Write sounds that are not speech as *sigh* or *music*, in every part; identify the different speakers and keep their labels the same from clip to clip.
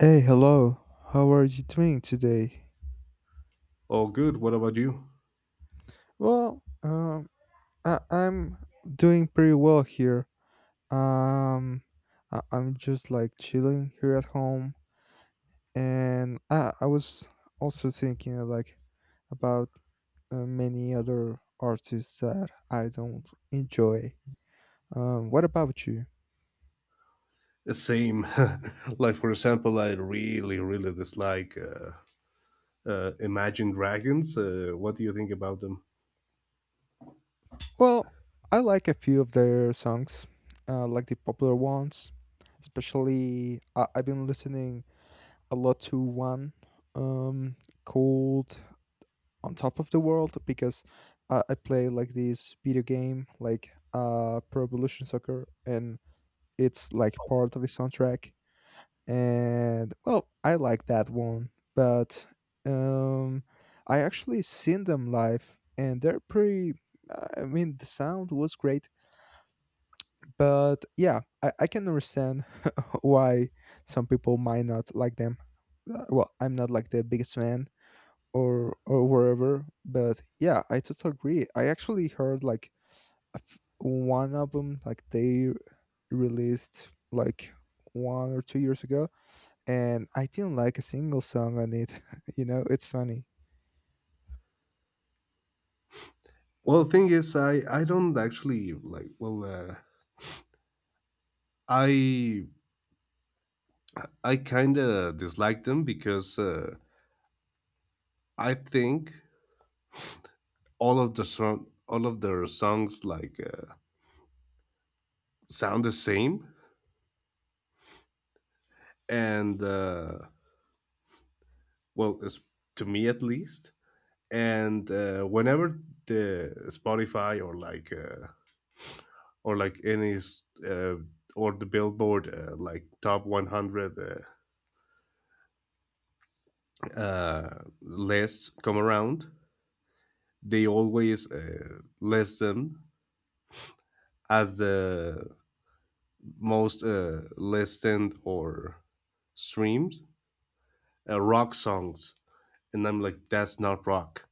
Speaker 1: Hey, hello. How are you doing today?
Speaker 2: All good. What about you?
Speaker 1: Well, I'm doing pretty well here. Um, I'm just like chilling here at home, and I was also thinking like about many other artists that I don't enjoy. What about you?
Speaker 2: Same. *laughs* Like, for example, I really, really dislike Imagine Dragons. What do you think about them?
Speaker 1: Well, I like a few of their songs, like the popular ones. Especially, I've been listening a lot to one um, called On Top of the World because I play like this video game, like Pro Evolution Soccer, and it's like part of the soundtrack. And well, I like that one, but um, I actually seen them live, and they're pretty. I mean, the sound was great, but yeah, I can understand *laughs* why some people might not like them. Well, I'm not like the biggest fan, or wherever. But yeah, I totally agree. I actually heard like one of them like they released like 1 or 2 years ago, and I didn't like a single song on it. *laughs* It's funny.
Speaker 2: Well, the thing is, I don't actually like. Well, I I kind of dislike them because I think, all of their songs, like, sound the same, and well, it's, to me at least. And whenever the Spotify, or like any uh, or the Billboard, like, top 100 lists come around, they always list them as the most listened or streamed rock songs, and I'm like, that's not rock.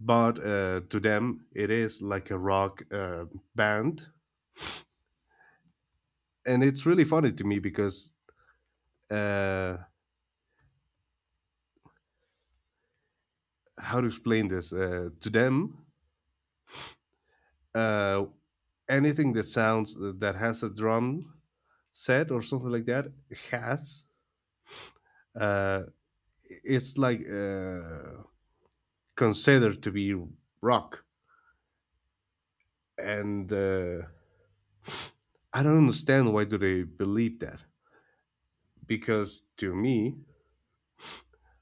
Speaker 2: But to them, it is like a rock band, and it's really funny to me because uh, how to explain this to them, uh, anything that sounds, that has a drum set or something like that, has uh, it's like considered to be rock. And I don't understand why do they believe that, because to me,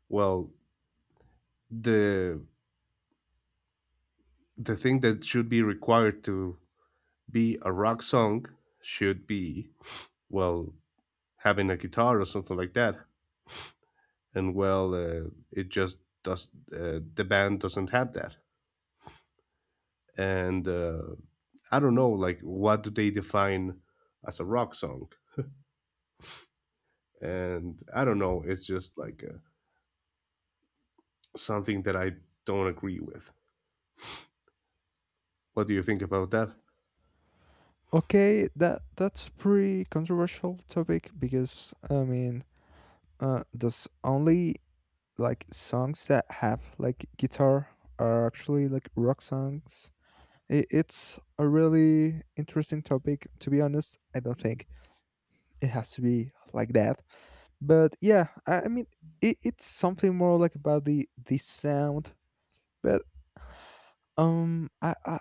Speaker 2: well, the the thing that should be required to be a rock song should be, well, having a guitar or something like that. And well, it just does the band doesn't have that. And I don't know, like, what do they define as a rock song? And I don't know, it's just like something that I don't agree with. What do you think about that?
Speaker 1: Okay, that's pretty controversial topic because I mean, does only like songs that have like guitar are actually like rock songs. I it's a really interesting topic. To be honest, I don't think it has to be like that. But yeah, I mean, it's something more like about the sound. But I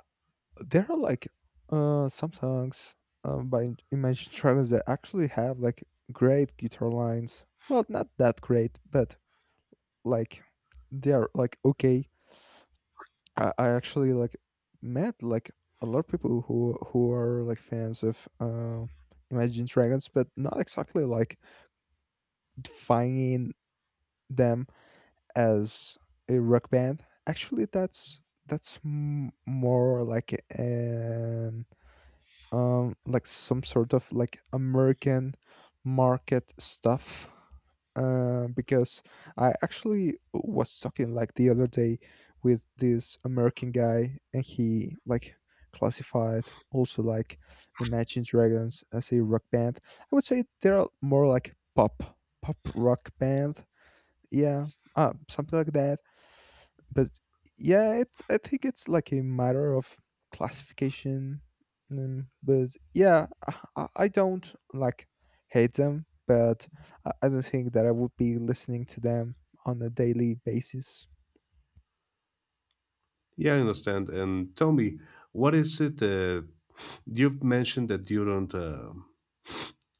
Speaker 1: there are like some songs by Imagine Dragons that actually have like great guitar lines. Well, not that great, but like they are like okay. I actually like met like a lot of people who are like fans of Imagine Dragons, but not exactly like defining them as a rock band. Actually, that's more like an like some sort of like American market stuff. Because I actually was talking like the other day with this American guy, and he like classified also like Imagine Dragons as a rock band. I would say they're more like pop rock band. Yeah, something like that, but yeah, it's I think it's like a matter of classification. But yeah, I don't like hate them, but I don't think that I would be listening to them on a daily basis.
Speaker 2: Yeah, I understand. And tell me, what is it? You've mentioned that you don't uh,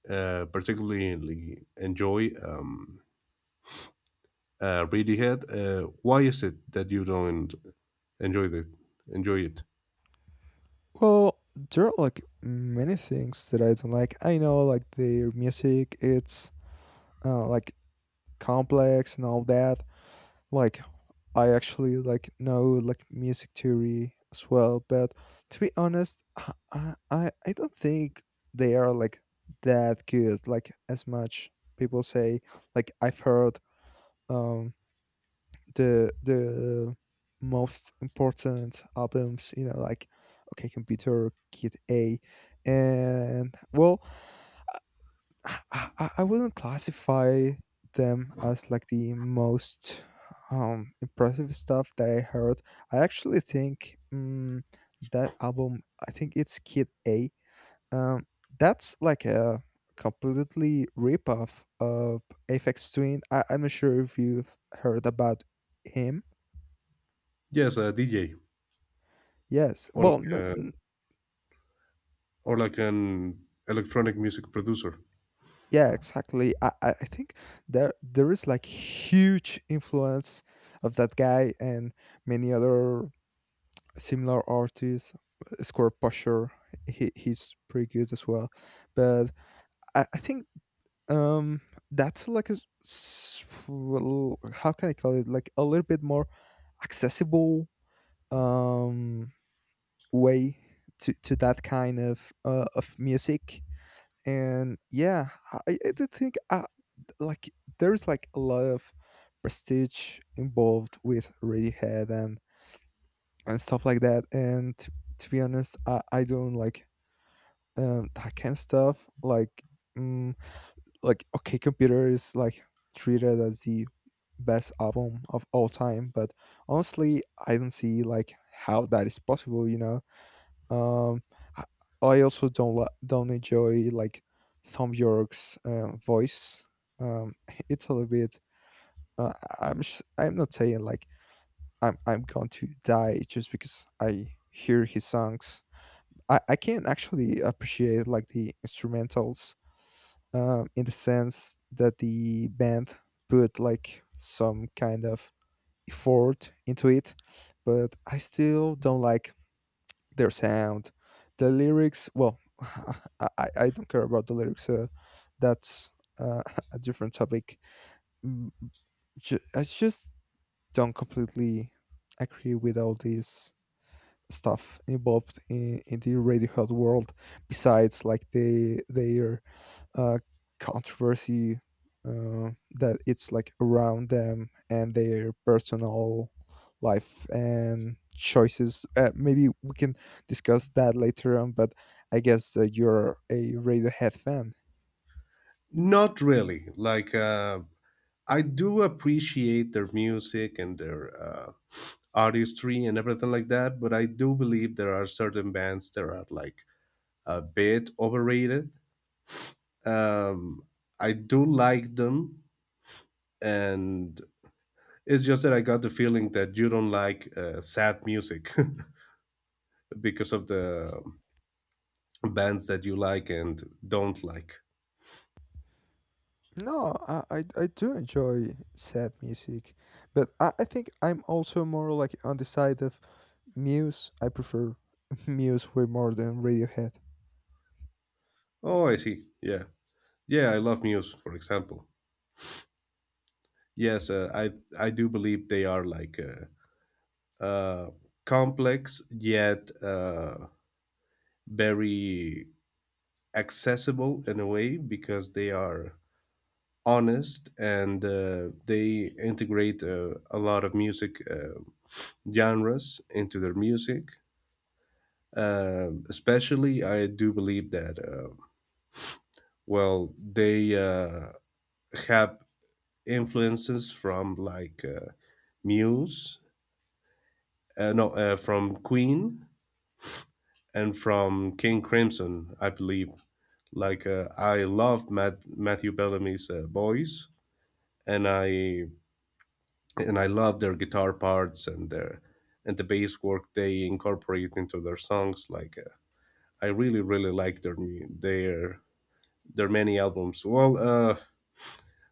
Speaker 2: uh, particularly enjoy, Radiohead. Why is it that you don't enjoy the enjoy it?
Speaker 1: Well, there are like many things that I don't like. I know like their music, it's like complex and all that. Like I actually like know like music theory as well, but to be honest, I don't think they are like that good. Like as much people say, like I've heard um the most important albums, like okay, Computer Kid A, and well, I wouldn't classify them as like the most impressive stuff that I heard. I actually think that album, I think it's Kid A. Um, that's like a completely ripoff of Aphex Twin. I'm not sure if you've heard about him.
Speaker 2: Yes, a DJ,
Speaker 1: Yes.
Speaker 2: or
Speaker 1: Well,
Speaker 2: like uh, or like an electronic music producer.
Speaker 1: yeah, exactly. I think there is like huge influence of that guy and many other similar artists, Square Pusher. He's pretty good as well, but I think um that's like well, how can I call it like a little bit more accessible um way to that kind of music. And yeah, I do think like there's like a lot of prestige involved with Radiohead and stuff like that, and to be honest I don't like that kind of stuff. Like, mm, like OK Computer is like treated as the best album of all time, but honestly, I don't see like how that is possible. Um, I I also don't enjoy like Thom Yorke's voice. Um, *laughs* it's a little bit. Uh, I'm not saying like I'm going to die just because I hear his songs. I can actually appreciate like the instrumentals in the sense that the band put like some kind of effort into it, but I still don't like their sound. The lyrics, well, *laughs* I don't care about the lyrics. That's uh, *laughs* a different topic. Mm, I just don't completely agree with all this stuff involved in the Radiohead world. Besides, like they uh, controversy uh, that it's like around them and their personal life and choices. Maybe we can discuss that later on, but I guess you're a Radiohead fan.
Speaker 2: Not really. Like, I do appreciate their music and their artistry and everything like that, but I do believe there are certain bands that are, like, a bit overrated. Um, I do like them, and it's just that I got the feeling that you don't like sad music *laughs* because of the bands that you like and don't like.
Speaker 1: No, I do enjoy sad music, but I think I'm also more like on the side of Muse. I prefer *laughs* Muse way more than Radiohead.
Speaker 2: Oh, I see. Yeah. Yeah, I love Muse, for example. Yes, I do believe they are like uh, complex, yet very accessible in a way, because they are honest and they integrate a lot of music genres into their music. Especially, I do believe that well, they have influences from, like, Muse, no, from Queen and from King Crimson, I believe. Like, I love Matthew Bellamy's voice, and I love their guitar parts, and the bass work they incorporate into their songs. Like, I really really like their many albums. Well,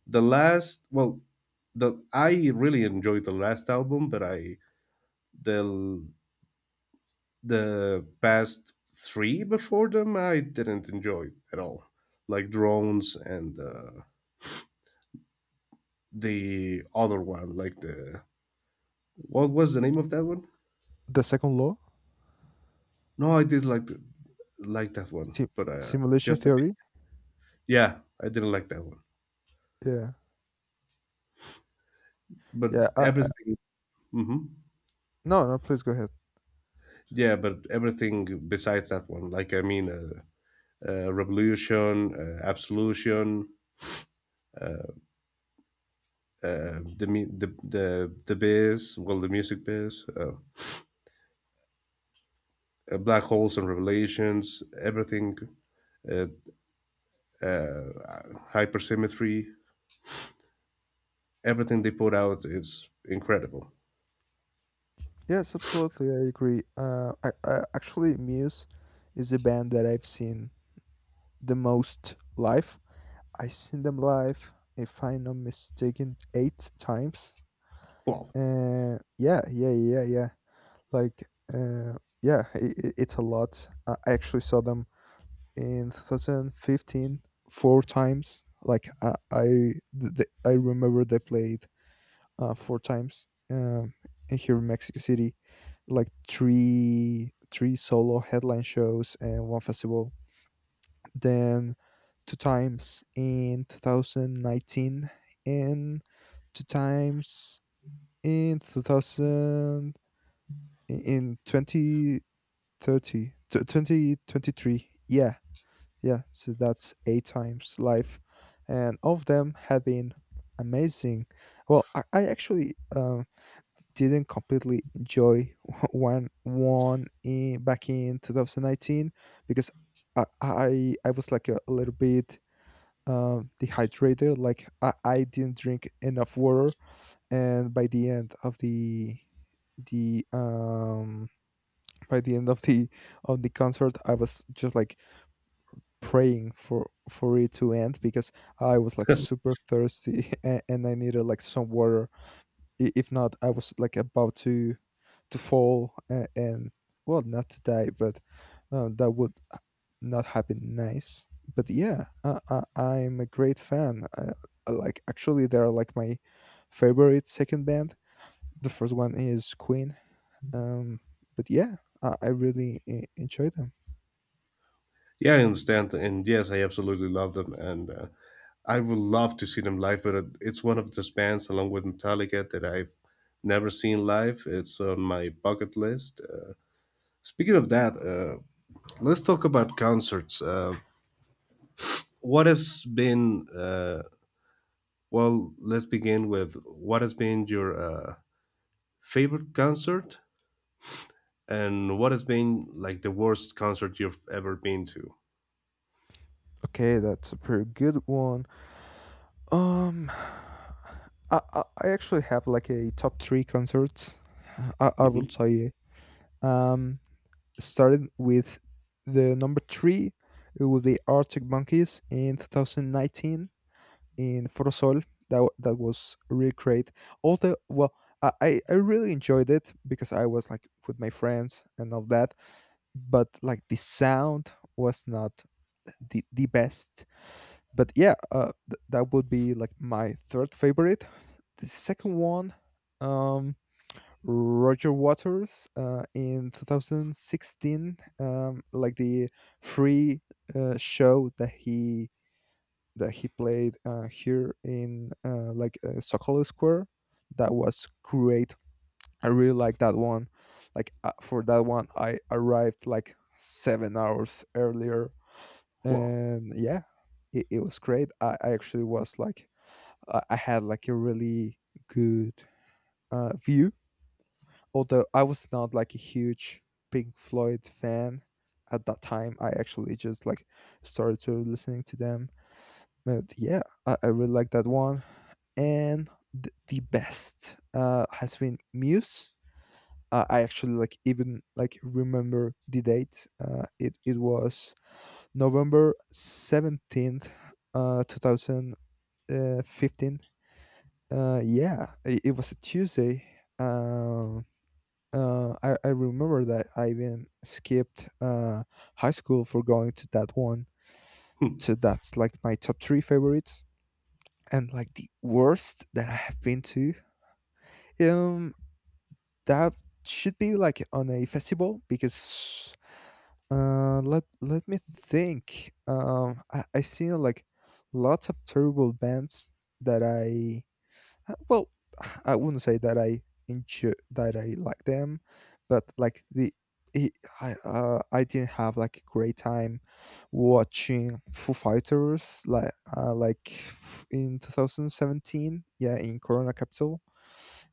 Speaker 2: the last well, the I really enjoyed the last album, but I the the past three before them I didn't enjoy at all, like Drones and the other one, like, the what was the name of that one?
Speaker 1: The second law.
Speaker 2: No, I did like like, that one,
Speaker 1: Sim-
Speaker 2: but
Speaker 1: Simulation
Speaker 2: just a bit.
Speaker 1: theory.
Speaker 2: Yeah, I didn't like that one,
Speaker 1: Yeah,
Speaker 2: but
Speaker 1: yeah.
Speaker 2: everything. hmm
Speaker 1: No, no, please go ahead.
Speaker 2: Yeah, but everything besides that one, like, I mean, revolution, absolution. The biz, well, the music biz, black holes and revelations, everything, uh, uh, hypersymmetry, everything they put out is incredible.
Speaker 1: Yes, absolutely, I agree. I, actually, Muse is a band that I've seen the most live. I seen them live, if I'm not mistaken, eight times.
Speaker 2: Wow.
Speaker 1: And yeah, yeah, yeah, yeah. Like, yeah, it's a lot. I actually saw them in 2015 four times. Like, I remember they played four times and here in Mexico City, like three solo headline shows and one festival. Then two times in 2019 and two times in 2000 in 2030 2023. Yeah, yeah, so that's eight times live, and all of them have been amazing. Well, I actually didn't completely enjoy *laughs* one in back in 2019 because I was like a little bit dehydrated. Like I didn't drink enough water, and by the end of the by the end of the concert I was just like praying for it to end because I was like super thirsty *laughs* and I needed like some water. If not, I was like about to fall, and well, not to die, but that would not have been nice. But yeah, I'm a great fan. I like actually, they are like my favorite second band. The first one is Queen. Um, but yeah, I really enjoy them.
Speaker 2: Yeah, I understand, and yes, I absolutely love them, and I would love to see them live. But it's one of those bands, along with Metallica, that I've never seen live. It's on my bucket list. Speaking of that, let's talk about concerts. What has been, well? Let's begin with, what has been your favorite concert, and what has been like the worst concert you've ever been to?
Speaker 1: Okay, that's a pretty good one. Um, I actually have like a top three concerts. I will
Speaker 2: hmm
Speaker 1: tell you. Um, started with the number three. It would be Arctic Monkeys in 2019 in Fotosol. That was really great. Although, well, I really enjoyed it because I was like with my friends and all that. But like the sound was not the best. But yeah, that would be like my third favorite. The second one, um, Roger Waters, in 2016, like the free show that he played, here in, like, Sokolo Square. That was great. I really like that one. Like, for that one, I arrived like 7 hours earlier,
Speaker 2: Well,
Speaker 1: and yeah, it was great. I actually was like I had like a really good view. Although I was not like a huge Pink Floyd fan at that time, I actually just like started to listening to them. But yeah, I really like that one. And the best, has been Muse. I actually like even like remember the date. It was November 17th, 2,000 15. Yeah, it was a Tuesday. Um, I remember that I even skipped high school for going to that one.
Speaker 2: hmm,
Speaker 1: So that's like my top three favorites. And like the worst that I have been to, um, that should be like on a festival because, let me think. I've seen like lots of terrible bands that I. Well, I wouldn't say that I enjoy, that I like them, but like it, I didn't have like a great time watching Foo Fighters like in 2017, yeah, in Corona Capital,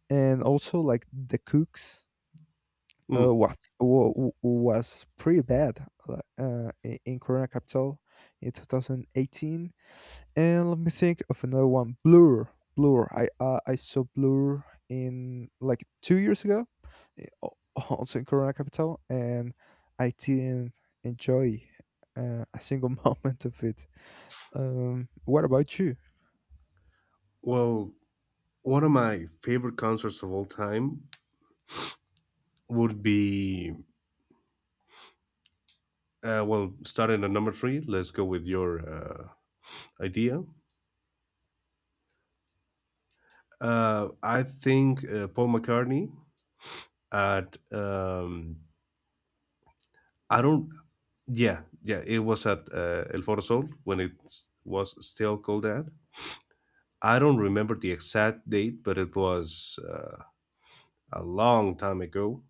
Speaker 1: and also like the Cooks. Uh,
Speaker 2: hmm.
Speaker 1: what wa- wa- was pretty bad, in Corona Capital in 2018. And let me think of another one. Blur, Blur. I saw Blur in like 2 years ago, eh, al- *laughs* also in Corona Capital, and I didn't enjoy, a single *laughs* moment of it. What about you?
Speaker 2: Well, one of my favorite concerts of all time would be, well, starting at number three. Let's go with your idea. I think Paul McCartney at, I don't, yeah yeah, it was at El Foro Sol when was still called that. I don't remember the exact date, but it was a long time ago.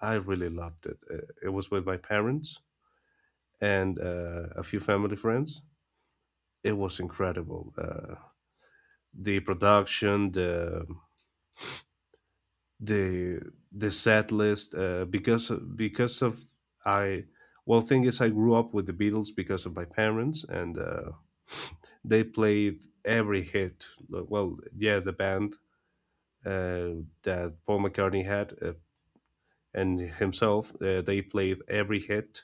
Speaker 2: I really loved it. It was with my parents and a few family friends. It was incredible. The production, the the set list, because of, I well, thing is, I grew up with the Beatles because of my parents, and they played every hit. Well, yeah, the band that Paul McCartney had, and himself. They played every hit.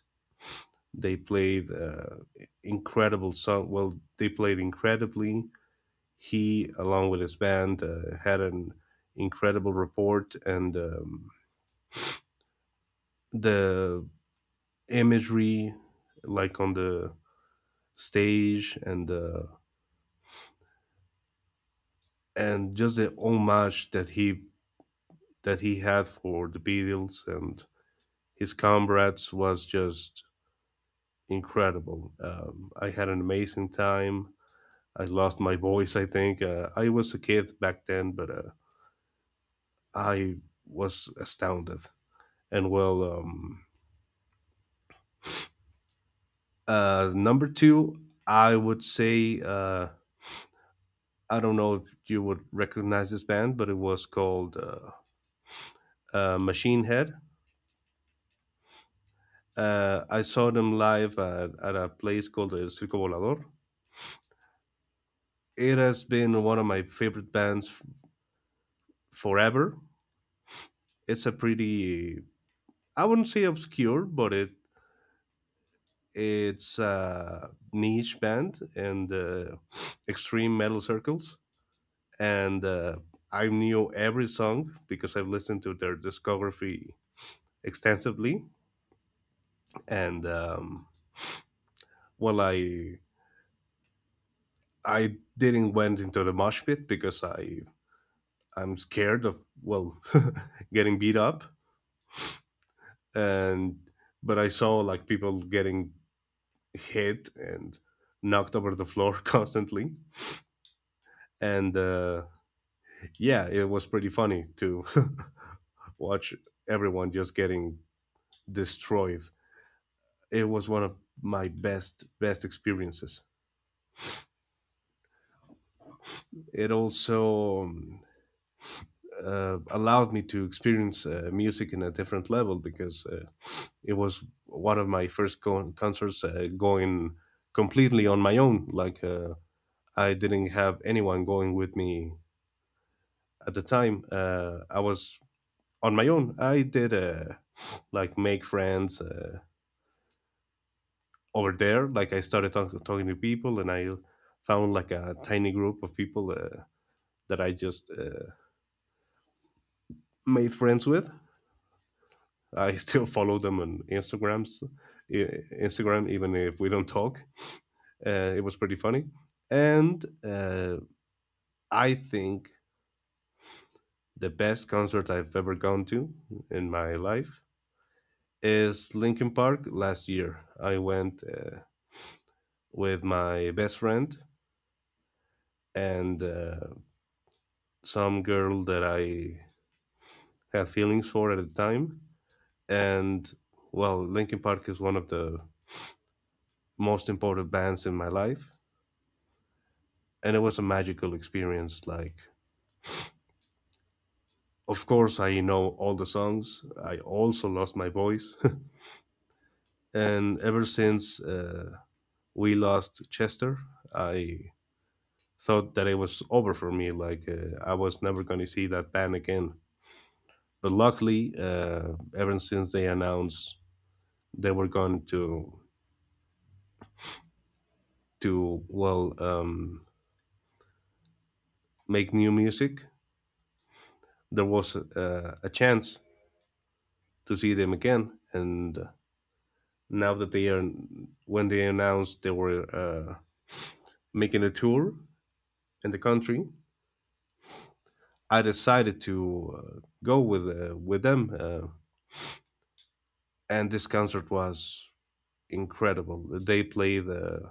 Speaker 2: They played, incredible song. Well, they played incredibly. He, along with his band, had an incredible report, and the imagery, like, on the stage, and and just the homage that he had for the Beatles and his comrades was just incredible. I had an amazing time. I lost my voice, I think. I was a kid back then, but I was astounded. And well, number two, I would say, I don't know if you would recognize this band, but it was called Machine Head. I saw them live at a place called the Circo Volador. It has been one of my favorite bands forever. It's a pretty, I wouldn't say obscure, but it's a niche band in the extreme metal circles, and I knew every song because I've listened to their discography extensively. And well, I didn't went into the mosh pit because I'm scared of, well, *laughs* getting beat up, and but I saw, like, people getting hit and knocked over the floor *laughs* constantly, and yeah, it was pretty funny to *laughs* watch everyone just getting destroyed. It was one of my best best experiences. It also allowed me to experience music in a different level, because it was one of my first concerts going completely on my own. Like, I didn't have anyone going with me at the time. I was on my own. I did, *sniffs* like, make friends. Over there, like, I started talking to people, and I found, like, a tiny group of people, that I just, made friends with. I *laughs* still follow them on i- Instagram, even if we don't talk. It was pretty funny, and I think the best concert I've ever gone to in my life is Linkin Park. Last year, I went, with my best friend, and some girl that I had feelings for at the time. And well, Linkin Park is one of the most important bands in my life. And it was a magical experience. Like, of course, I know all the songs. I also lost my voice. *laughs* And ever since we lost Chester, I thought that it was over for me. Like, I was never going to see that band again. But luckily, ever since they announced they were going to do, well, make new music, there was a chance to see them again. And now that they are, when they announced they were making a tour in the country, I decided to, go with them. And this concert was incredible. They played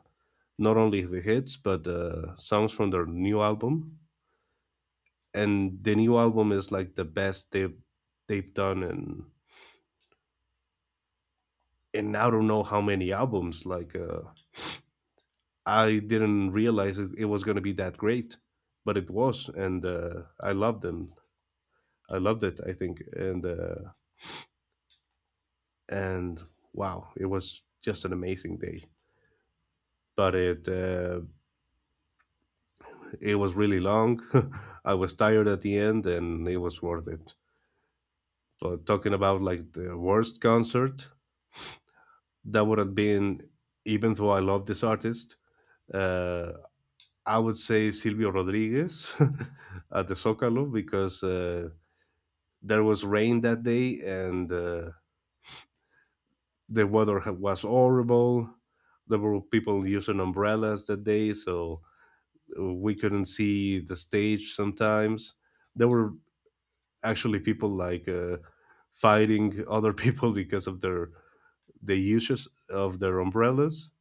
Speaker 2: not only the hits, but songs from their new album, and the new album is like the best they've done in, and I don't know how many albums. Like, I didn't realize it was going to be that great, but it was, and I loved them. I loved it, I think. And and wow, it was just an amazing day. But it was really long. *laughs* I was tired at the end, and it was worth it. But talking about, like, the worst concert, that would have been, even though I love this artist, uh, I would say Silvio Rodriguez *laughs* at the Zócalo, because. There was rain that day, and the weather was horrible. There were people using umbrellas that day, so we couldn't see the stage sometimes. There were actually people, like, fighting other people *laughs* because of the uses of their umbrellas.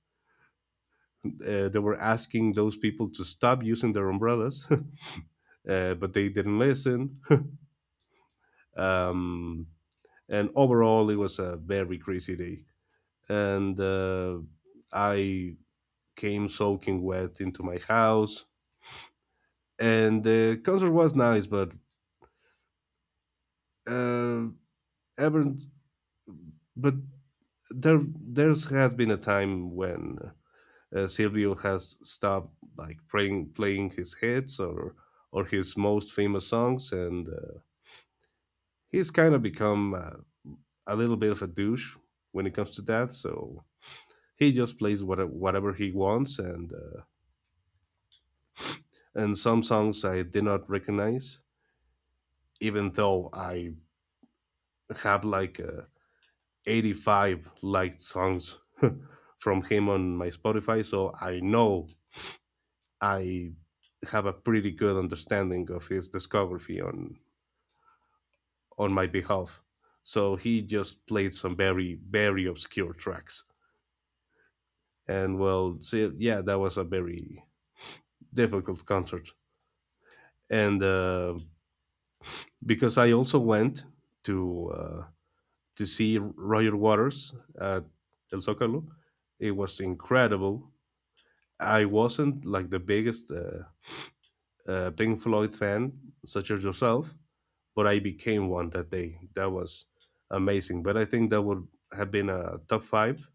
Speaker 2: They were asking those people to stop using their umbrellas, *laughs* but they didn't listen. um, and overall, it was a very crazy day. And I came soaking wet into my house. And the concert was nice, but uh, ever but there there's has been a time when Silvio has stopped, like, playing his hits, or his most famous songs, and he's kind of become, a little bit of a douche when it comes to that. So he just plays whatever he wants, and some songs I did not recognize, even though I have, like, 85 liked songs *laughs* from him on my Spotify. So I know I have a pretty good understanding of his discography on my behalf. So he just played some very, very obscure tracks. And, well, so yeah, that was a very difficult concert. And because I also went to, to see Roger Waters at El Zócalo. It was incredible. I wasn't like the biggest Pink Floyd fan, such as yourself, but I became one that day. That was amazing. But I think that would have been a top five,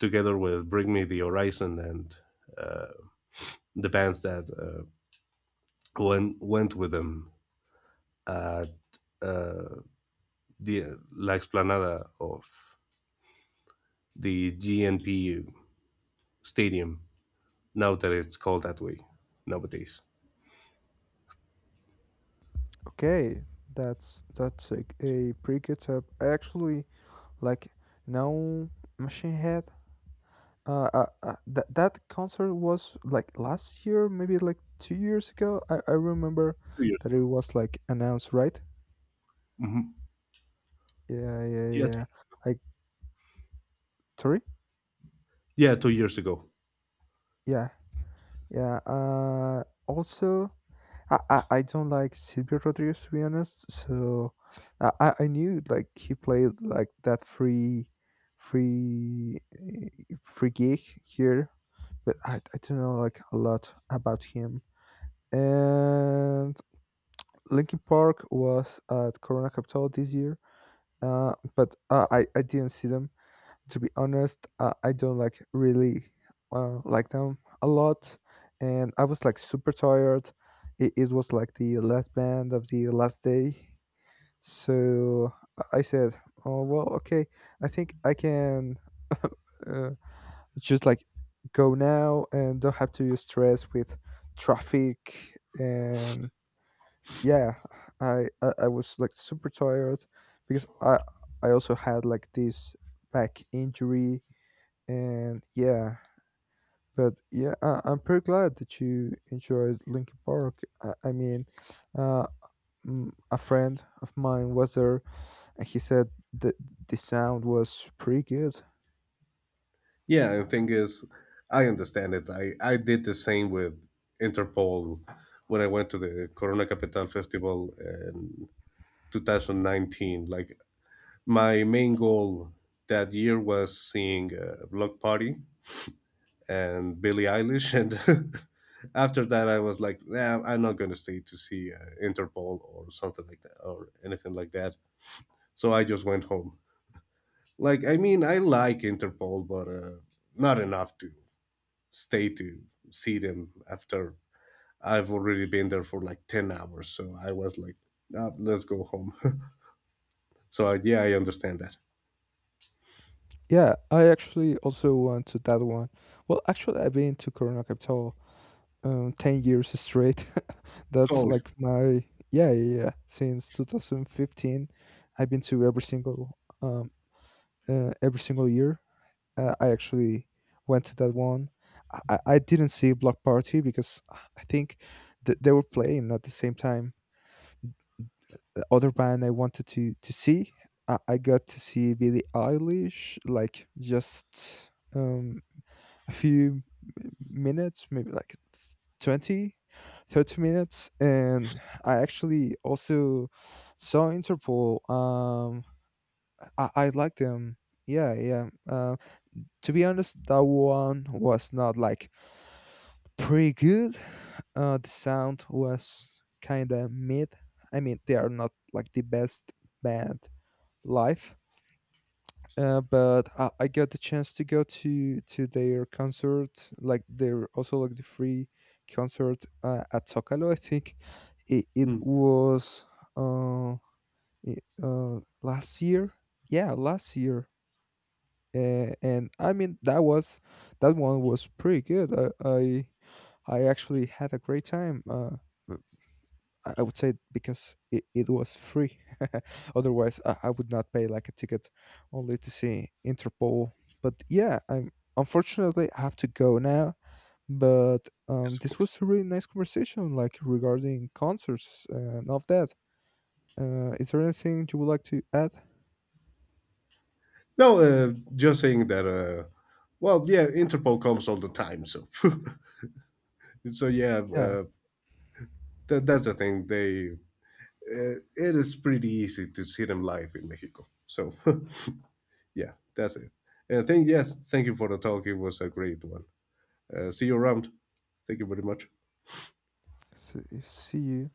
Speaker 2: together with Bring Me the Horizon and uh, the bands that went with them. Uh, the La Explanada of the GNP Stadium, now that it's called that way nowadays.
Speaker 1: Okay, that's a pretty good tip. I actually like, no, Machine Head. That concert was like last year, maybe like 2 years ago. I remember
Speaker 2: 2 years
Speaker 1: that it
Speaker 2: ago.
Speaker 1: was like announced, right?
Speaker 2: hmm
Speaker 1: Yeah, yeah,
Speaker 2: Yeah,
Speaker 1: yeah. I Sorry.
Speaker 2: 2 years ago.
Speaker 1: Yeah, yeah. Also, I don't like Silvio Rodriguez, to be honest. So, I knew like he played like that free gig here, but I don't know like a lot about him. And Linkin Park was at Corona Capital this year, but I didn't see them. To be honest, I don't like really like them a lot, and I was like super tired. It was like the last band of the last day, so I said, "Oh well, okay. I think I can *laughs* uh, just like go now and don't have to stress with traffic and." Yeah, I was like super tired because I also had like this back injury, and yeah. But yeah, I'm pretty glad that you enjoyed Linkin Park. I mean, uh a friend of mine was there, and he said that the sound was pretty good.
Speaker 2: Yeah, and the thing is, I understand it. I did the same with Interpol when I went to the Corona Capital Festival in 2019. Like, my main goal that year was seeing, Block Party and Billie Eilish. And *laughs* after that, I was like, nah, I'm not going to stay to see Interpol or something like that, or anything like that. So I just went home. Like, I mean, I like Interpol, but not enough to stay to see them after I've already been there for, like, 10 hours. So I was like, "Ah, let's go home." *laughs* So yeah, I understand that.
Speaker 1: Yeah, I actually also went to that one. Well, actually I've been to Corona Capital 10 years straight. *laughs* That's
Speaker 2: Oh,
Speaker 1: like my, yeah, yeah, yeah. Since 2015, I've been to um, every single year. I actually went to that one. I didn't see Block Party because I think that they were playing at the same time. The other band I wanted to see, I got to see Billie Eilish, like just, a few minutes, maybe like 20, 30 minutes. And I actually also saw Interpol. I like them. Yeah, yeah. To be honest, that one was not like pretty good. The sound was kind of mid. I mean, they are not like the best band live, but I got the chance to go to their concert, like their also like the free concert, at Zocalo. I think it
Speaker 2: mm,
Speaker 1: was, uh, last year. Yeah, last year. And I mean that one was pretty good. I, I actually had a great time. I would say because it was free. *laughs* Otherwise, I would not pay like a ticket only to see Interpol. But yeah, I'm unfortunately I have to go now. But
Speaker 2: yes, of
Speaker 1: this
Speaker 2: course.
Speaker 1: was a really nice conversation, like regarding concerts and all of that. Is there anything you would like to add?
Speaker 2: No, just saying that, well, yeah, Interpol comes all the time. So, *laughs* so yeah,
Speaker 1: Yeah.
Speaker 2: that's the thing. They, it is pretty easy to see them live in Mexico. So, *laughs* yeah, that's it. And I think, yes, thank you for the talk. It was a great one. See you around. Thank you very much.
Speaker 1: So, see you.